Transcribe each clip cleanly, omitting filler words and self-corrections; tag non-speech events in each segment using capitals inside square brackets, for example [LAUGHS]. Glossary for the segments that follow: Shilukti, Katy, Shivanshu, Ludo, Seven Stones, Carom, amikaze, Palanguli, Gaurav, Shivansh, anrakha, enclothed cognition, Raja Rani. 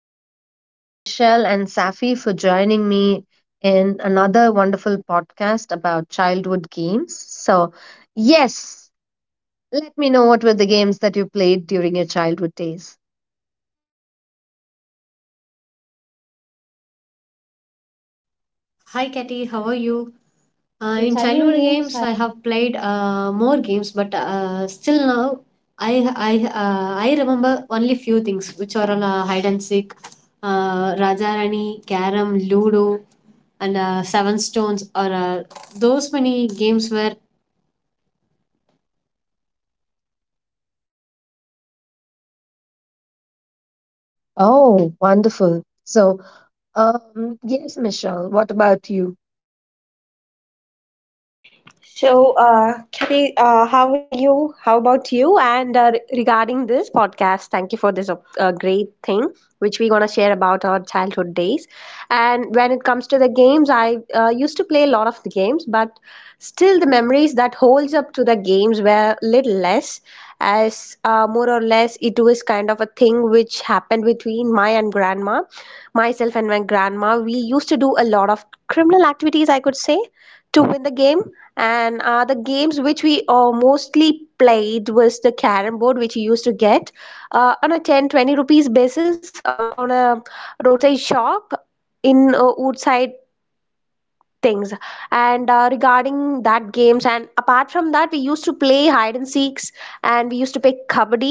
Michelle and Safi, for joining me in another wonderful podcast about childhood games. So, yes, let me know what were the games that you played during your childhood days. Hi, Katy. How are you? Uh, My in childhood childhood games, games, I... I have played more games, but still now, I I I remember only few things, which are hide and seek, Raja Rani, Carom, Ludo, and Seven Stones. Or Those many games were. Oh, wonderful. So, yes, Michelle, what about you? So, Kitty, how are you? How about you? And regarding this podcast, thank you for this great thing which we're gonna share about our childhood days. And when it comes to the games, I used to play a lot of the games, but still the memories that holds up to the games were little less, as more or less it was kind of a thing which happened between myself and my grandma. We used to do a lot of criminal activities, I could say, to win the game, and the games which we mostly played was the carom board which you used to get on a 10, 20 rupees basis on a roadside shop in woodside things. And regarding that games, and apart from that we used to play hide and seeks, and we used to play kabaddi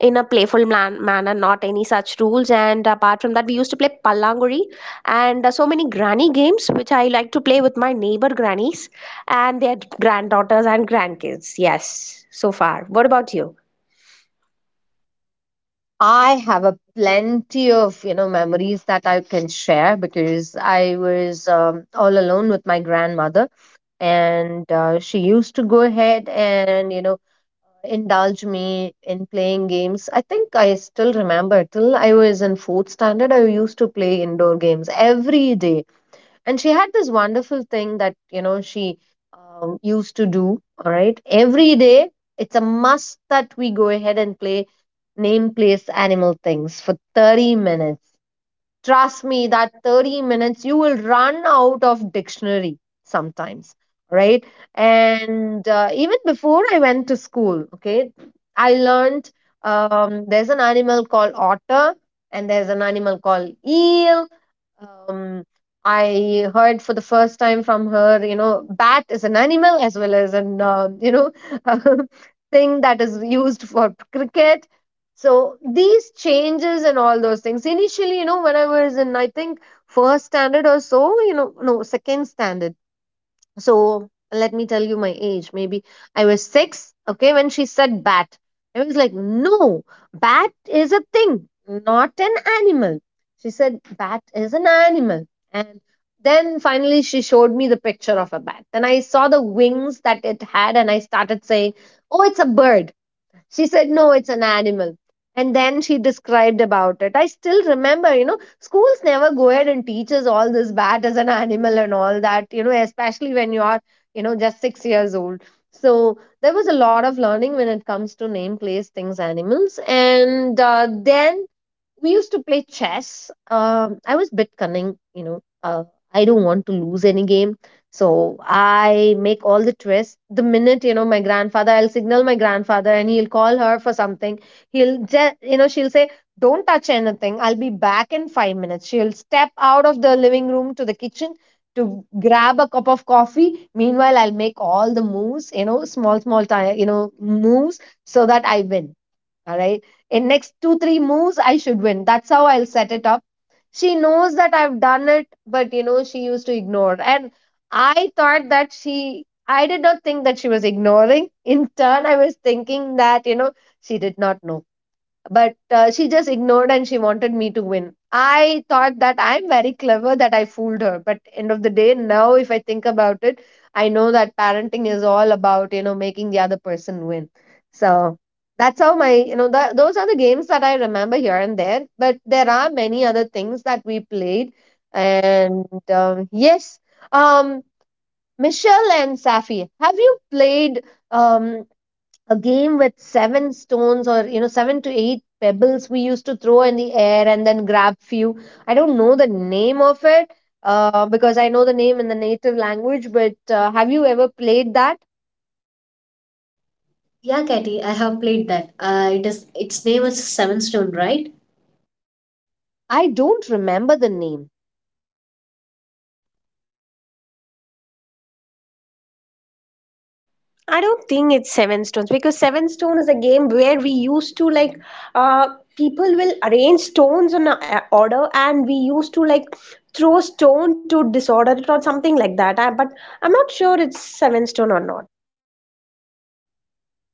in a playful manner, not any such rules. And apart from that we used to play pallanguri, and so many granny games which I like to play with my neighbor grannies and their granddaughters and grandkids. Yes, so far, what about you? I have a plenty of, you know, memories that I can share because I was all alone with my grandmother. And she used to go ahead and, you know, indulge me in playing games. I think I still remember till I was in fourth standard, I used to play indoor games every day. And she had this wonderful thing that, you know, she used to do. All right, every day it's a must that we go ahead and play name, place, animal, things for 30 minutes. Trust me, that 30 minutes you will run out of dictionary sometimes, right? And even before I went to school, okay, I learned, there's an animal called otter, and there's an animal called eel. um, I heard for the first time from her, you know, bat is an animal as well as an you know, [LAUGHS] thing that is used for cricket. So these changes and all those things. Initially, you know, when I was in, I think, first standard or so, you know, no, second standard. So let me tell you my age. Maybe I was six, okay, when she said bat. I was like, no, bat is a thing, not an animal. She said, bat is an animal. And then finally she showed me the picture of a bat. Then I saw the wings that it had and I started saying, oh, it's a bird. She said, no, it's an animal. And then she described about it. I still remember, you know, schools never go ahead and teach us all this, bat as an animal and all that, you know, especially when you are, you know, just 6 years old. So there was a lot of learning when it comes to name, place, things, animals. And then we used to play chess. I was bit cunning, you know. I don't want to lose any game, so I make all the twists. The minute, you know, my grandfather, I'll signal my grandfather, and he'll call her for something. He'll just, you know, she'll say, "Don't touch anything. I'll be back in 5 minutes." She'll step out of the living room to the kitchen to grab a cup of coffee. Meanwhile, I'll make all the moves, you know, small, small, you know, moves so that I win, all right. In next two, three moves, I should win. That's how I'll set it up. She knows that I've done it, but, you know, she used to ignore. And I thought that I did not think that she was ignoring. In turn, I was thinking that, you know, she did not know, but she just ignored and she wanted me to win. I thought that I'm very clever that I fooled her, but end of the day, now if I think about it, I know that parenting is all about, you know, making the other person win. So that's how my, you know, those are the games that I remember here and there, but there are many other things that we played. And, yes. um Michelle and Safi, have you played um a game with seven stones or, you know, seven to eight pebbles we used to throw in the air and then grab few? I don't know the name of it, because I know the name in the native language, but have you ever played that? Yeah, Katy. I have played that. It is its name is Seven Stone, right? I don't remember the name. I don't think it's Seven Stones, because Seven Stone is a game where we used to like, uh people will arrange stones on a order, and we used to like throw stone to disorder it or something like that. But I'm not sure it's Seven Stone or not.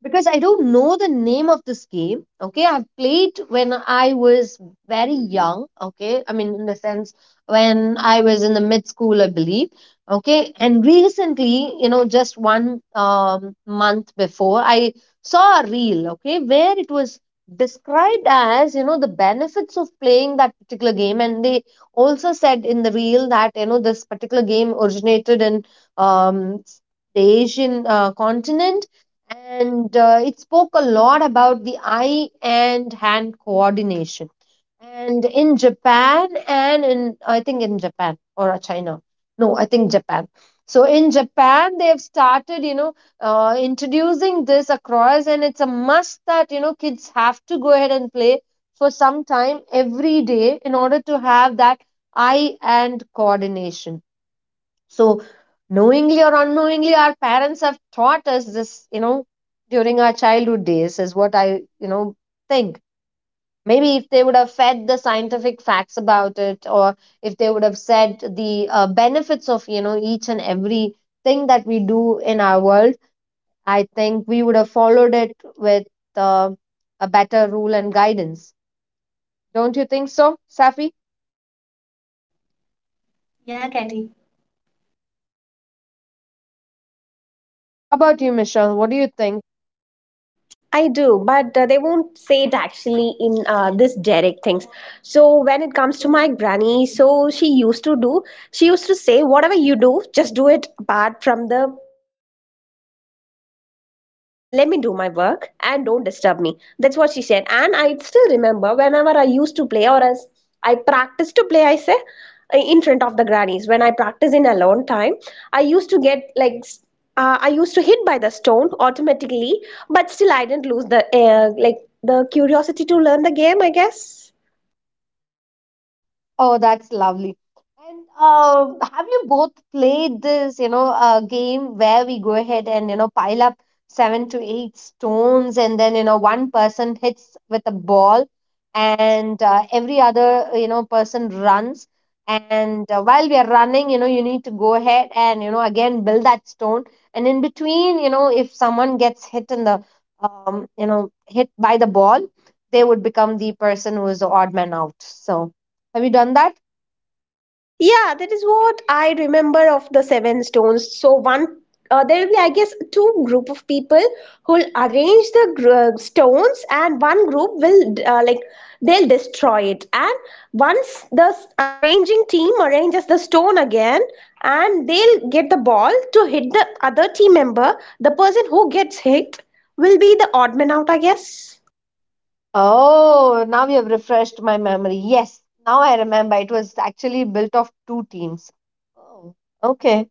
Because I don't know the name of this game. Okay, I've played when I was very young. Okay, I mean, in the sense when I was in the mid school, I believe. Okay, and recently, you know, just one month before, I saw a reel, okay, where it was described as, you know, the benefits of playing that particular game. And they also said in the reel that, you know, this particular game originated in, um, the Asian continent. And it spoke a lot about the eye and hand coordination and in Japan and in, I think in Japan or China. No, I think Japan. So in Japan they have started, you know, introducing this across, and it's a must that, you know, kids have to go ahead and play for some time every day in order to have that eye and coordination. So, knowingly or unknowingly, our parents have taught us this, you know, during our childhood days, is what I, you know, think. Maybe if they would have fed the scientific facts about it, or if they would have said the benefits of, you know, each and every thing that we do in our world, I think we would have followed it with, uh, a better rule and guidance. Don't you think so, Safi? Yeah, Katy. How about you, Michelle? What do you think? I do, but they won't say it actually in this direct things. So when it comes to my granny, so she used to say, whatever you do, just do it apart from the path I walk. I just want to do my, Let me do my work and don't disturb me. That's what she said. And I still remember, whenever I used to play or as I practice to play, I say, in front of the grannies. When I practice in alone time, I used to get like I used to hit by the stone automatically, but still I didn't lose the like, the curiosity to learn the game. I guess. Oh, that's lovely. And have you both played this, you know, game where we go ahead and, you know, pile up seven to eight stones and then, you know, one person hits with a ball, and every other, you know, person runs. And while we are running, you know, you need to go ahead and, you know, again build that stone. And in between, you know, if someone gets hit in the, you know, hit by the ball, they would become the person who is the odd man out. So. Have you done that? Yeah, that is what I remember of the seven stones. There will be, I guess, two group of people who'll arrange the stones, and one group will like, they'll destroy it. And once the arranging team arranges the stone again, and they'll get the ball to hit the other team member. The person who gets hit will be the odd man out, I guess. Oh, now you have refreshed my memory. Yes, now I remember. It was actually built of two teams. Oh, okay.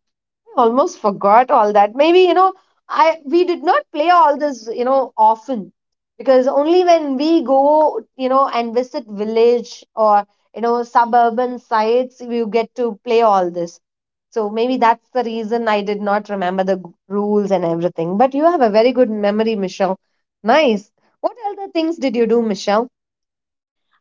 Almost forgot all that. Maybe, you know, I we did not play all this, you know, often, because only when we go, you know, and visit village or, you know, suburban sites, we get to play all this. So maybe that's the reason I did not remember the rules and everything. But you have a very good memory, Michelle. Nice. What other things did you do, Michelle?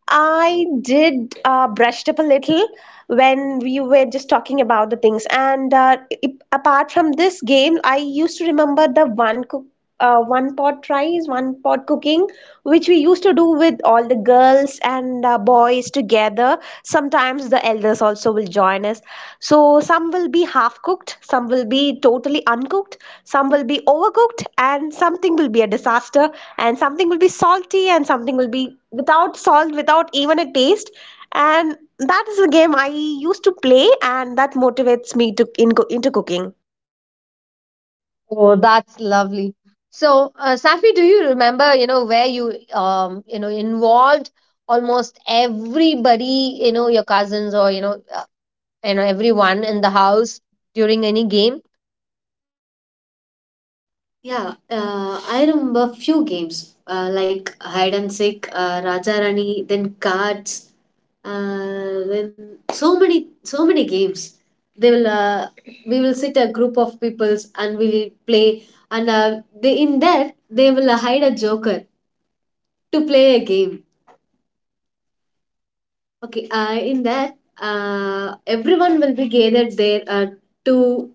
I did brushed up a little when we were just talking about the things. And I apart from this game, I used to remember the one pot rice, one pot cooking, which we used to do with all the girls and boys together. Sometimes the elders also will join us. So some will be half cooked, some will be totally uncooked, some will be overcooked, and something will be a disaster, and something will be salty, and something will be without salt, without even a taste. And that is a game I used to play, and that motivates me into cooking. Oh, that's lovely. So, Safi, do you remember, you know, where you, you know, involved almost everybody, you know, your cousins or, you know, everyone in the house during any game? Yeah, I remember few games like hide and seek, Raja Rani, then cards, then so many games. They will We will sit a group of peoples and we'll play, and they in there, they will hide a joker to play a game. Okay, in that everyone will be gathered there to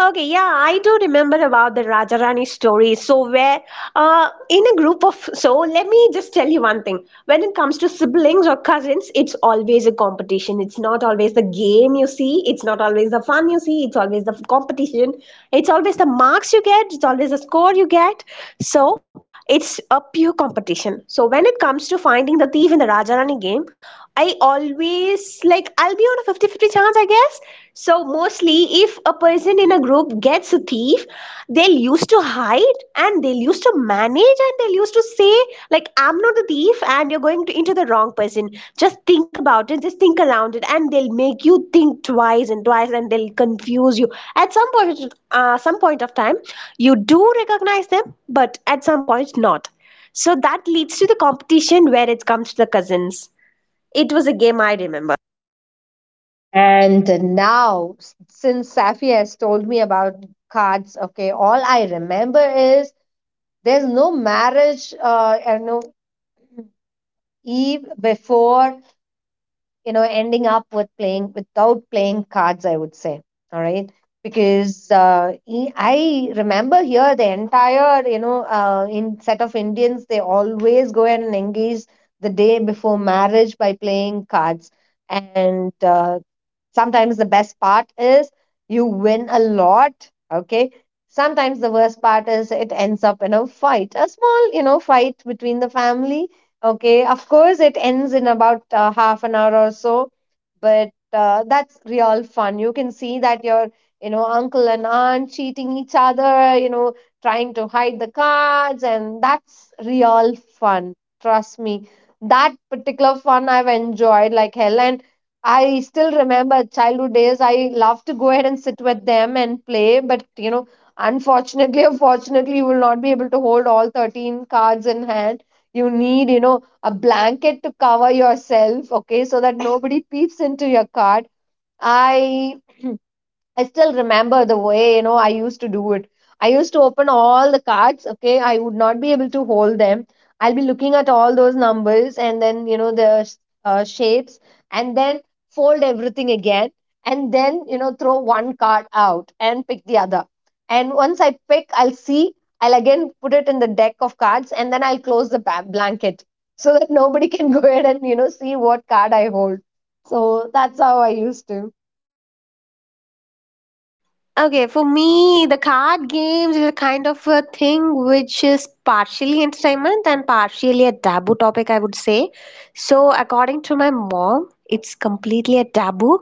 Okay, yeah, I do remember about the Rajarani story. So, where in a group of so, let me just tell you one thing. When it comes to siblings or cousins, it's always a competition. It's not always the game you see. It's not always the fun you see. It's always the competition. It's always the marks you get. It's always the score you get. So it's a pure competition. So when it comes to finding the thief in the Rajarani game, I always like I'll be on a 50-50 chance, I guess. So mostly if a person in a group gets a thief, they'll used to hide, and they'll used to manage, and they'll used to say, like, I'm not the thief and you're going to into the wrong person. Just think about it, just think around it, and they'll make you think twice and twice, and they'll confuse you. At some point, some point of time, you do recognize them, but at some point not. So that leads to the competition where it comes to the cousins. It was a game I remember. And now, since Safi has told me about cards, okay, all I remember is there's no marriage, you know, eve before, you know, ending up with playing without playing cards, I would say. All right. Because I remember here the entire, you know, in set of Indians, they always go and engage the day before marriage by playing cards. And Sometimes the best part is you win a lot, okay? Sometimes the worst part is it ends up in a fight, a small, you know, fight between the family, okay? Of course, it ends in about half an hour or so, but that's real fun. You can see that your, you know, uncle and aunt cheating each other, you know, trying to hide the cards, and that's real fun. Trust me. That particular fun I've enjoyed like hell. And I still remember childhood days. I love to go ahead and sit with them and play, but, you know, unfortunately [LAUGHS] or fortunately, you will not be able to hold all 13 cards in hand. You need, you know, a blanket to cover yourself, okay, so that nobody peeps into your card. I I still remember the way, you know, I used to do it. I used to open all the cards, okay? I would not be able to hold them. I'll be looking at all those numbers and then, you know, the shapes, and then fold everything again, and then, you know, throw one card out and pick the other. And once I pick, I'll see, I'll again put it in the deck of cards and then I'll close the blanket so that nobody can [LAUGHS] go ahead and, you know, see what card I hold. So that's how I used to. Okay, for me, the card games is a kind of a thing which is partially entertainment and partially a taboo topic, I would say. So, according to my mom, it's completely a taboo,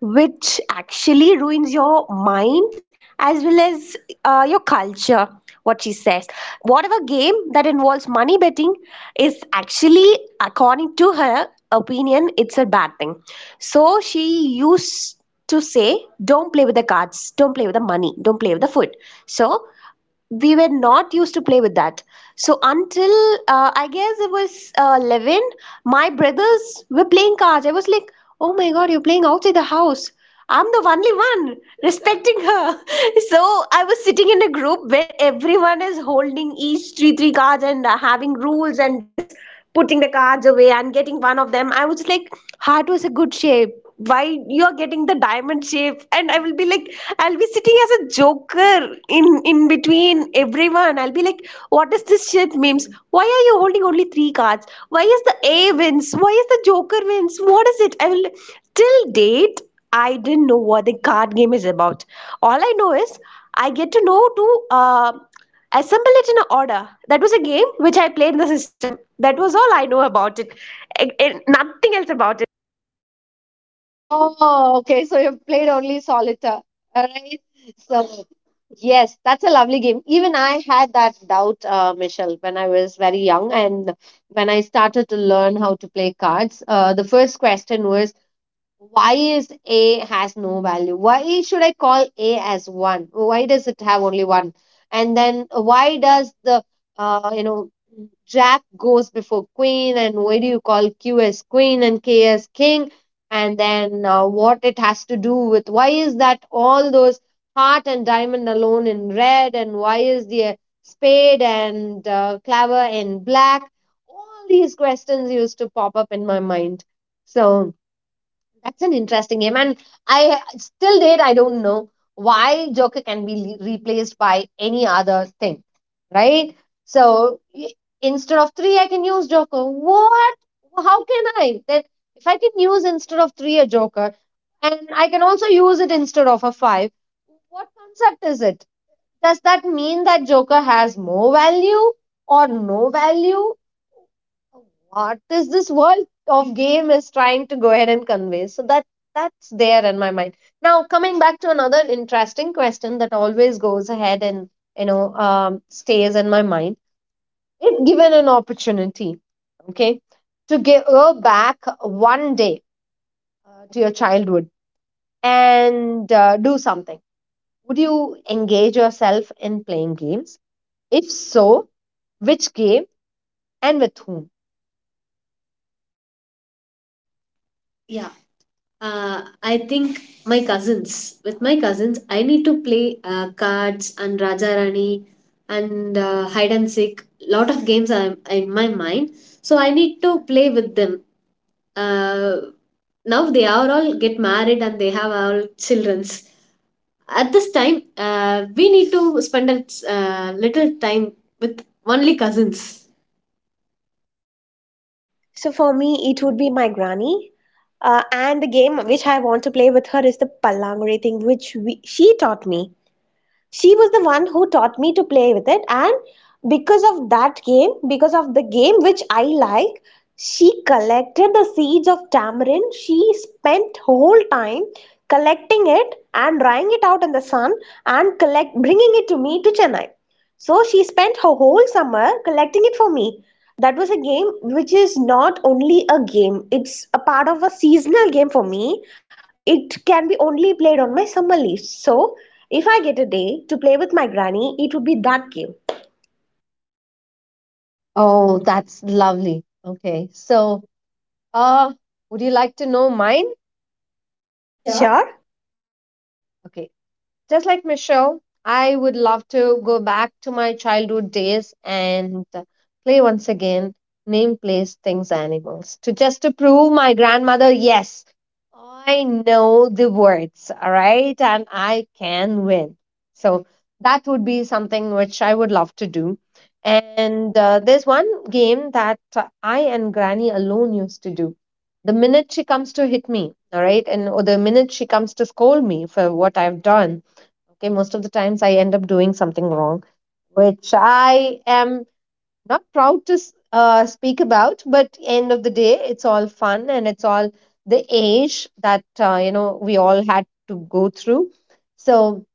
which actually ruins your mind as well as your culture. What she says, whatever game that involves money betting is actually, according to her opinion, it's a bad thing. So she used to say, don't play with the cards, don't play with the money, don't play with the food. So we were not used to play with that. So until, I guess it was 11, my brothers were playing cards. I was like, oh my god, you're playing outside the house. I'm the only one respecting her. [LAUGHS] So I was sitting in a group where everyone is holding each three cards and having rules, and just putting the cards away and getting one of them. I was like, heart was a good shape, why you are getting the diamond shape? And I will be like, I'll be sitting as a joker in between everyone. I'll be like, "What is this shit, memes? Why are you holding only three cards? Why is the A wins? Why is the Joker wins? What is it?" I will Till date I didn't know what the card game is about. All I know is I get to know to uh, assemble it in an order. That was a game which I played in the system. That was all I know about it, and nothing else about it. Oh, okay. So you've played only solitaire. All right. So, yes, that's a lovely game. Even I had that doubt, Michelle, when I was very young and when I started to learn how to play cards. The first question was, why is A has no value? Why should I call A as one? Why does it have only one? And then why does the, you know, Jack goes before Queen, and why do you call Q as Queen and K as King? And then what it has to do with why is that all those heart and diamond alone in red, and why is the spade and claver in black? All these questions used to pop up in my mind. So that's an interesting game, and I still date I don't know why Joker can be replaced by any other thing, right? So instead of three, I can use Joker. What? How can I? That if I can use instead of three a Joker, and I can also use it instead of a five. What concept is it? Does that mean that Joker has more value or no value? What is this world of game is trying to go ahead and convey? So that's there in my mind. Now coming back to another interesting question that always goes ahead and stays in my mind. If given an opportunity, okay, to go back one day to your childhood and do something, would you engage yourself in playing games? If so, which game and with whom? yeah. I think my cousins. With my cousins, I need to play cards and Raja Rani and hide and seek. Lot of games are in my mind, so I need to play with them. Uh, now they are all get married and they have all childrens. At this time, we need to spend a little time with only cousins. So for me, it would be my granny. And the game which I want to play with her is the Pallangre thing, which she taught me, she was the one who taught me to play with it. And because of the game which I like, she collected the seeds of tamarind. She spent whole time collecting it and drying it out in the sun, and collect bringing it to me to Chennai. So she spent her whole summer collecting it for me. That was a game which is not only a game, it's a part of a seasonal game for me. It can be only played on my summer leaves. So if I get a day to play with my granny, it would be that game. Oh, that's lovely. Okay. So, uh, would you like to know mine? Sure? Okay. Just like Michelle, I would love to go back to my childhood days and play once again name, place, things, animals to just to prove my grandmother, yes, I know the words, all right, and I can win. So that would be something which I would love to do. And there's one game that I and Granny alone used to do. The minute she comes to hit me, all right, and or the minute she comes to scold me for what I've done, okay, most of the times I end up doing something wrong which I am not proud to speak about, but end of the day it's all fun and it's all the age that we all had to go through. So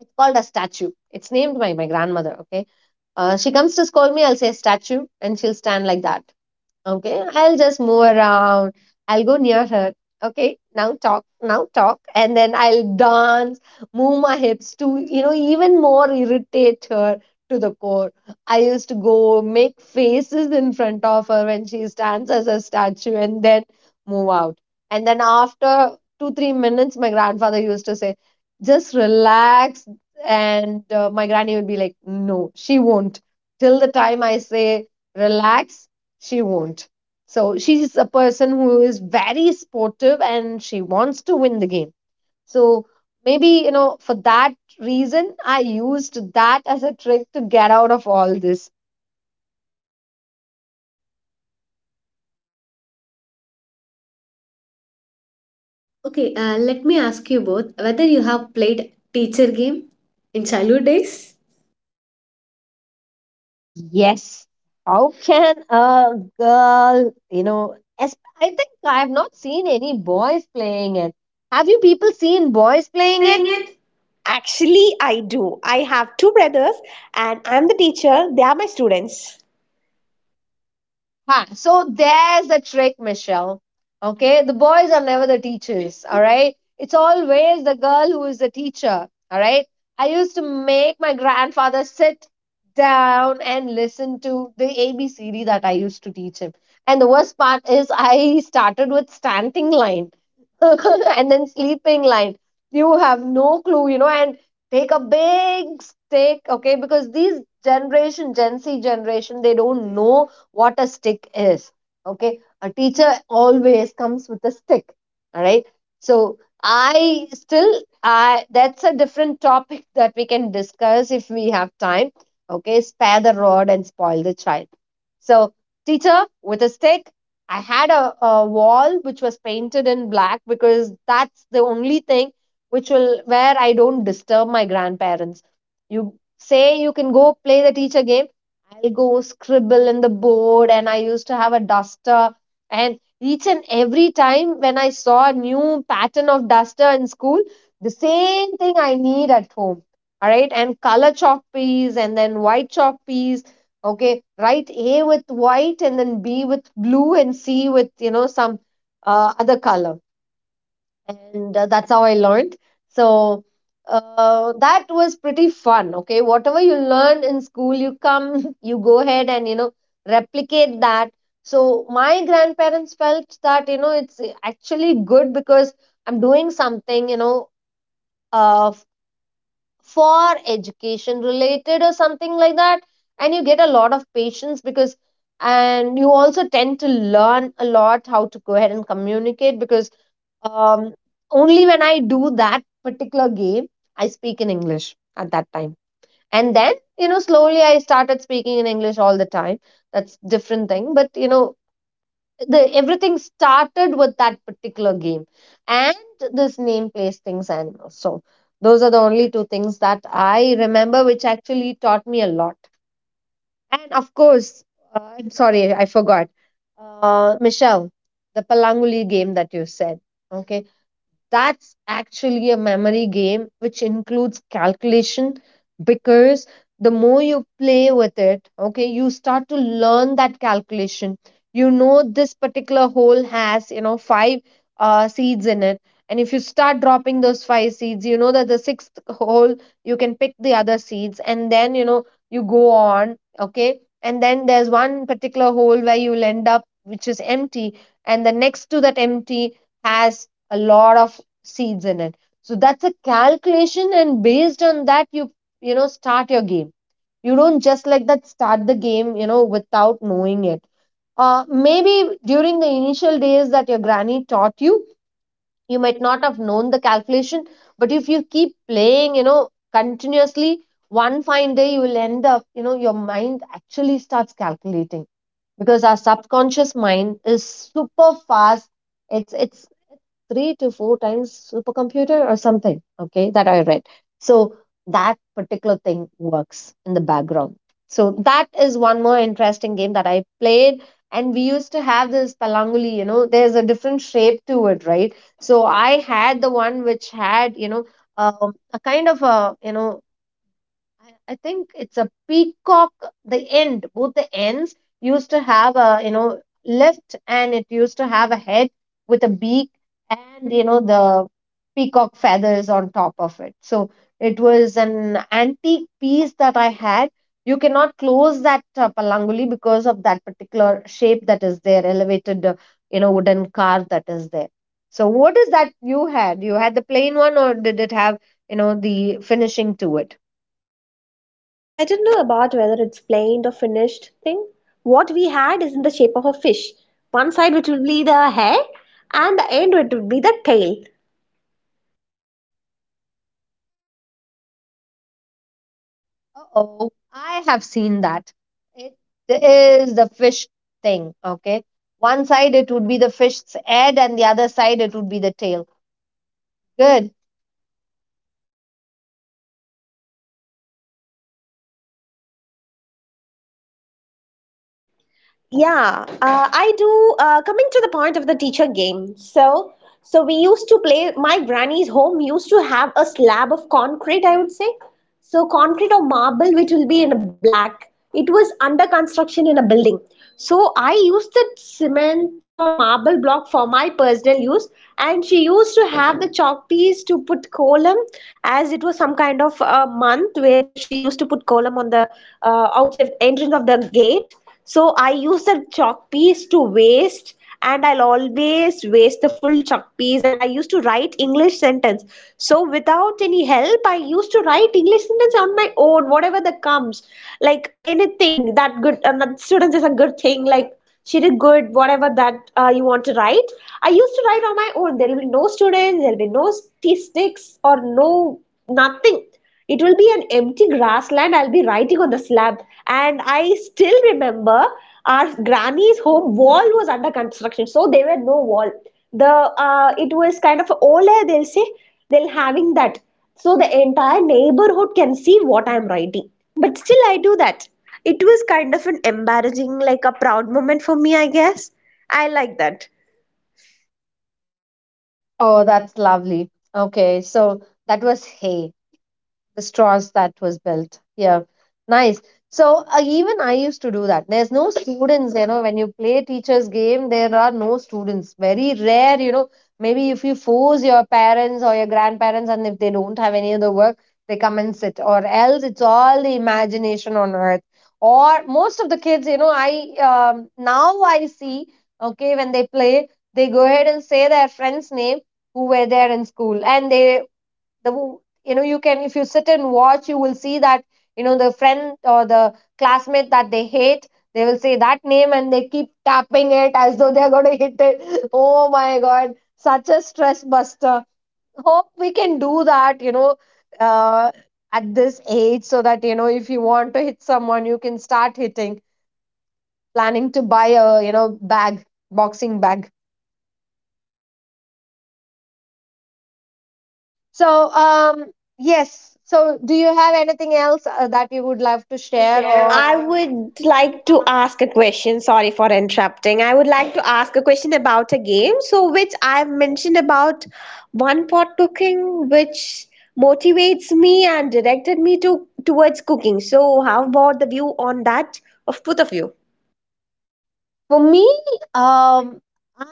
it's called a statue. It's named by my grandmother. Okay, she comes to scold me, I'll say statue and she'll stand like that. Okay, I'll just move around. I'll go near her. Okay, now talk, and then I'll dance, move my hips to, you know, even more irritate her to the core. I used to go make faces in front of her when she stands as a statue and then move out. And then after two, 3 minutes, my grandfather used to say, just relax. And my granny would be like, no, she won't. Till the time I say, relax, she won't. So she's a person who is very sportive and she wants to win the game. So maybe, you know, for that reason, I used that as a trick to get out of all this. Okay, let me ask you both whether you have played teacher game in childhood days. Yes. How can a girl, as I think I have not seen any boys playing it. Have you people seen boys Who is playing it? playing it? Actually, I do. I have two brothers and I'm the teacher. They are my students. Ha, so there's the trick, Michelle. Okay, the boys are never the teachers, all right? It's always the girl who is the teacher, all right? I used to make my grandfather sit down and listen to the ABCD that I used to teach him. And the worst part is, I started with standing line [LAUGHS] and then sleeping line. You have no clue, you know, and take a big stick, okay? Because these generation, Gen Z generation, they don't know what a stick is. Okay, a teacher always comes with a stick. All right, so I still, I that's a different topic [LAUGHS] that we can discuss if we have time. Okay, spare the rod and spoil the child. So, teacher with a stick. I had a wall which was painted in black because that's the only thing which will where I don't disturb my grandparents. You say you can go play the teacher game, I'll go scribble in the board, and I used to have a duster. And each and every time when I saw a new pattern of duster in school, the same thing I need at home. All right, and color chalk piece, and then white chalk piece. Okay, write A with white, and then B with blue, and C with some other color, and that's how I learned. So that was pretty fun. Okay, whatever you learned in school, you come, [LAUGHS] you go ahead and replicate that. So my grandparents felt that it's actually good because I'm doing something uh, f- for education related or something like that, and you get a lot of patience because and you also tend to learn a lot how to go ahead and communicate because um, only when I do that particular game, I speak in English at that time. And then, you know, slowly I started speaking in English all the time. That's different thing. But you know, the everything started with that particular game and this name, place, things, animals. So those are the only two things that I remember, which actually taught me a lot. And of course, I'm sorry, I forgot. Michelle, the Palanguli game that you said. Okay, that's actually a memory game which includes calculation because the more you play with it, okay, you start to learn that calculation. You know, this particular hole has, five seeds in it. And if you start dropping those five seeds, you know that the sixth hole, you can pick the other seeds. And then, you know, you go on, okay. And then there's one particular hole where you'll end up, which is empty. And the next to that empty has a lot of seeds in it. So that's a calculation, and based on that, start your game. You don't just like that start the game, you know, without knowing it. Maybe during the initial days that your granny taught you, you might not have known the calculation, but if you keep playing, you know, continuously, one fine day you will end up, you know, your mind actually starts calculating because our subconscious mind is super fast. It's 3 to 4 times supercomputer or something, okay, that I read. So that particular thing works in the background. So that is one more interesting game that I played, and we used to have this palanguli, you know, there's a different shape to it, right? So I had the one which had a kind of a I think it's a peacock. The end, both the ends used to have a left, and it used to have a head with a beak, and the peacock feathers on top of it. So it was an antique piece that I had. You cannot close that palanguli because of that particular shape that is there, elevated, wooden car that is there. So what is that you had? You had the plain one, or did it have the finishing to it? I don't know about whether it's plain or finished thing. What we had is in the shape of a fish. One side which would be the head, and the end it would be the tail. Oh, I have seen that. It is the fish thing, okay? One side it would be the fish's head, and the other side it would be the tail. Good. Yeah, I do. Coming to the point of the teacher game, so we used to play. My granny's home used to have a slab of concrete, I would say, so concrete or marble, which will be in a black. It was under construction in a building. So I used the cement or marble block for my personal use, and she used to have the chalk piece to put column, as it was some kind of a month where she used to put column on the outside entrance of the gate. So I use the chalk piece to waste, and I'll always waste the full chalk piece, and I used to write English sentence. So without any help, I used to write English sentence on my own, whatever that comes. Like anything that good, that students is a good thing, like she did good, whatever that you want to write. I used to write on my own. There will be no students, there will be no statistics or no nothing. It will be an empty grassland. I'll be writing on the slab. And I still remember our granny's home wall was under construction. So there were no wall. The It was kind of older, they'll say they'll having that. So the entire neighborhood can see what I'm writing. But still I do that. It was kind of an embarrassing, like a proud moment for me, I guess. I like that. Oh, that's lovely. Okay, so that was hay. The straws that was built. Yeah, nice. So even I used to do that. There's no students, you know, when you play teacher's game, there are no students. Very rare, you know. Maybe if you force your parents or your grandparents, and if they don't have any other work, they come and sit, or else it's all the imagination on earth. Or most of the kids, you know, I now I see, okay, when they play, they go ahead and say their friend's name who were there in school, and they the you know you can, if you sit and watch, you will see that the friend or the classmate that they hate, they will say that name and they keep tapping it as though they are going to hit it [LAUGHS] oh my god, such a stress buster. Hope we can do that, uh, at this age so that if you want to hit someone you can start hitting, planning to buy a you know bag boxing bag. So yes, so do you have anything else that you would love to share or I would like to ask a question. Sorry for interrupting. I would like to ask a question about a game, so which I've mentioned about one pot cooking, which motivates me and directed me to towards cooking. So, how about the view on that of both of you? for me, um,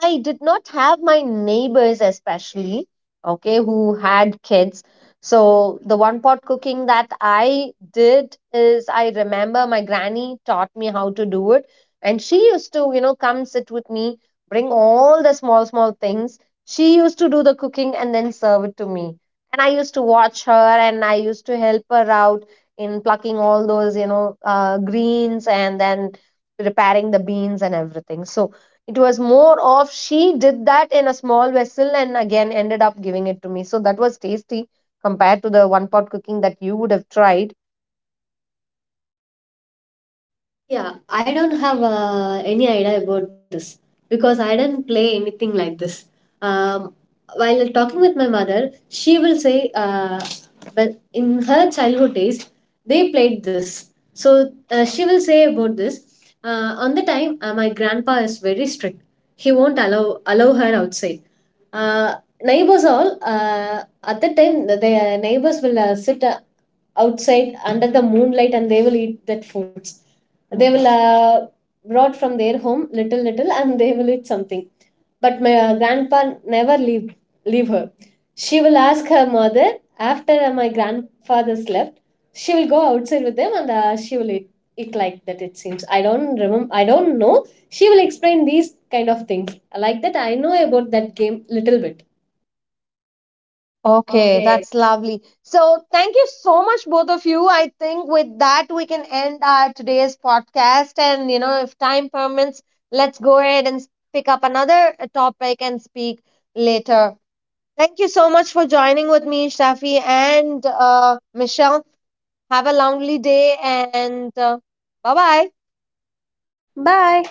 I did not have my neighbors, especially, okay, who had kids. So the one pot cooking that I did is I remember my granny taught me how to do it. And she used to, you know, come sit with me, bring all the small, small things. She used to do the cooking and then serve it to me. And I used to watch her and I used to help her out in plucking all those, you know, greens and then repairing the beans and everything. So it was more of she did that in a small vessel and again ended up giving it to me. So that was tasty compared to the one pot cooking that you would have tried. Yeah, I don't have any idea about this because I don't play anything like this. Um, while talking with my mother, she will say, but in her childhood days, they played this. So she will say about this. On the time, my grandpa is very strict. He won't allow her outside. Uh, neighbors all at the time, the neighbors will sit outside under the moonlight, and they will eat that foods they will brought from their home little little, and they will eat something. But my grandpa never leave her. She will ask her mother, after my grandfather slept, she will go outside with them and she will eat. It like that it seems, I don't remember, I don't know. She will explain these kind of things, like that I know about that game little bit. Okay, Okay. that's lovely. So, thank you so much, both of you. I think with that, we can end our today's podcast. And, you know, if time permits, let's go ahead and pick up another topic and speak later. Thank you so much for joining with me, Shafi and Michelle. Have a lovely day and bye bye. Bye.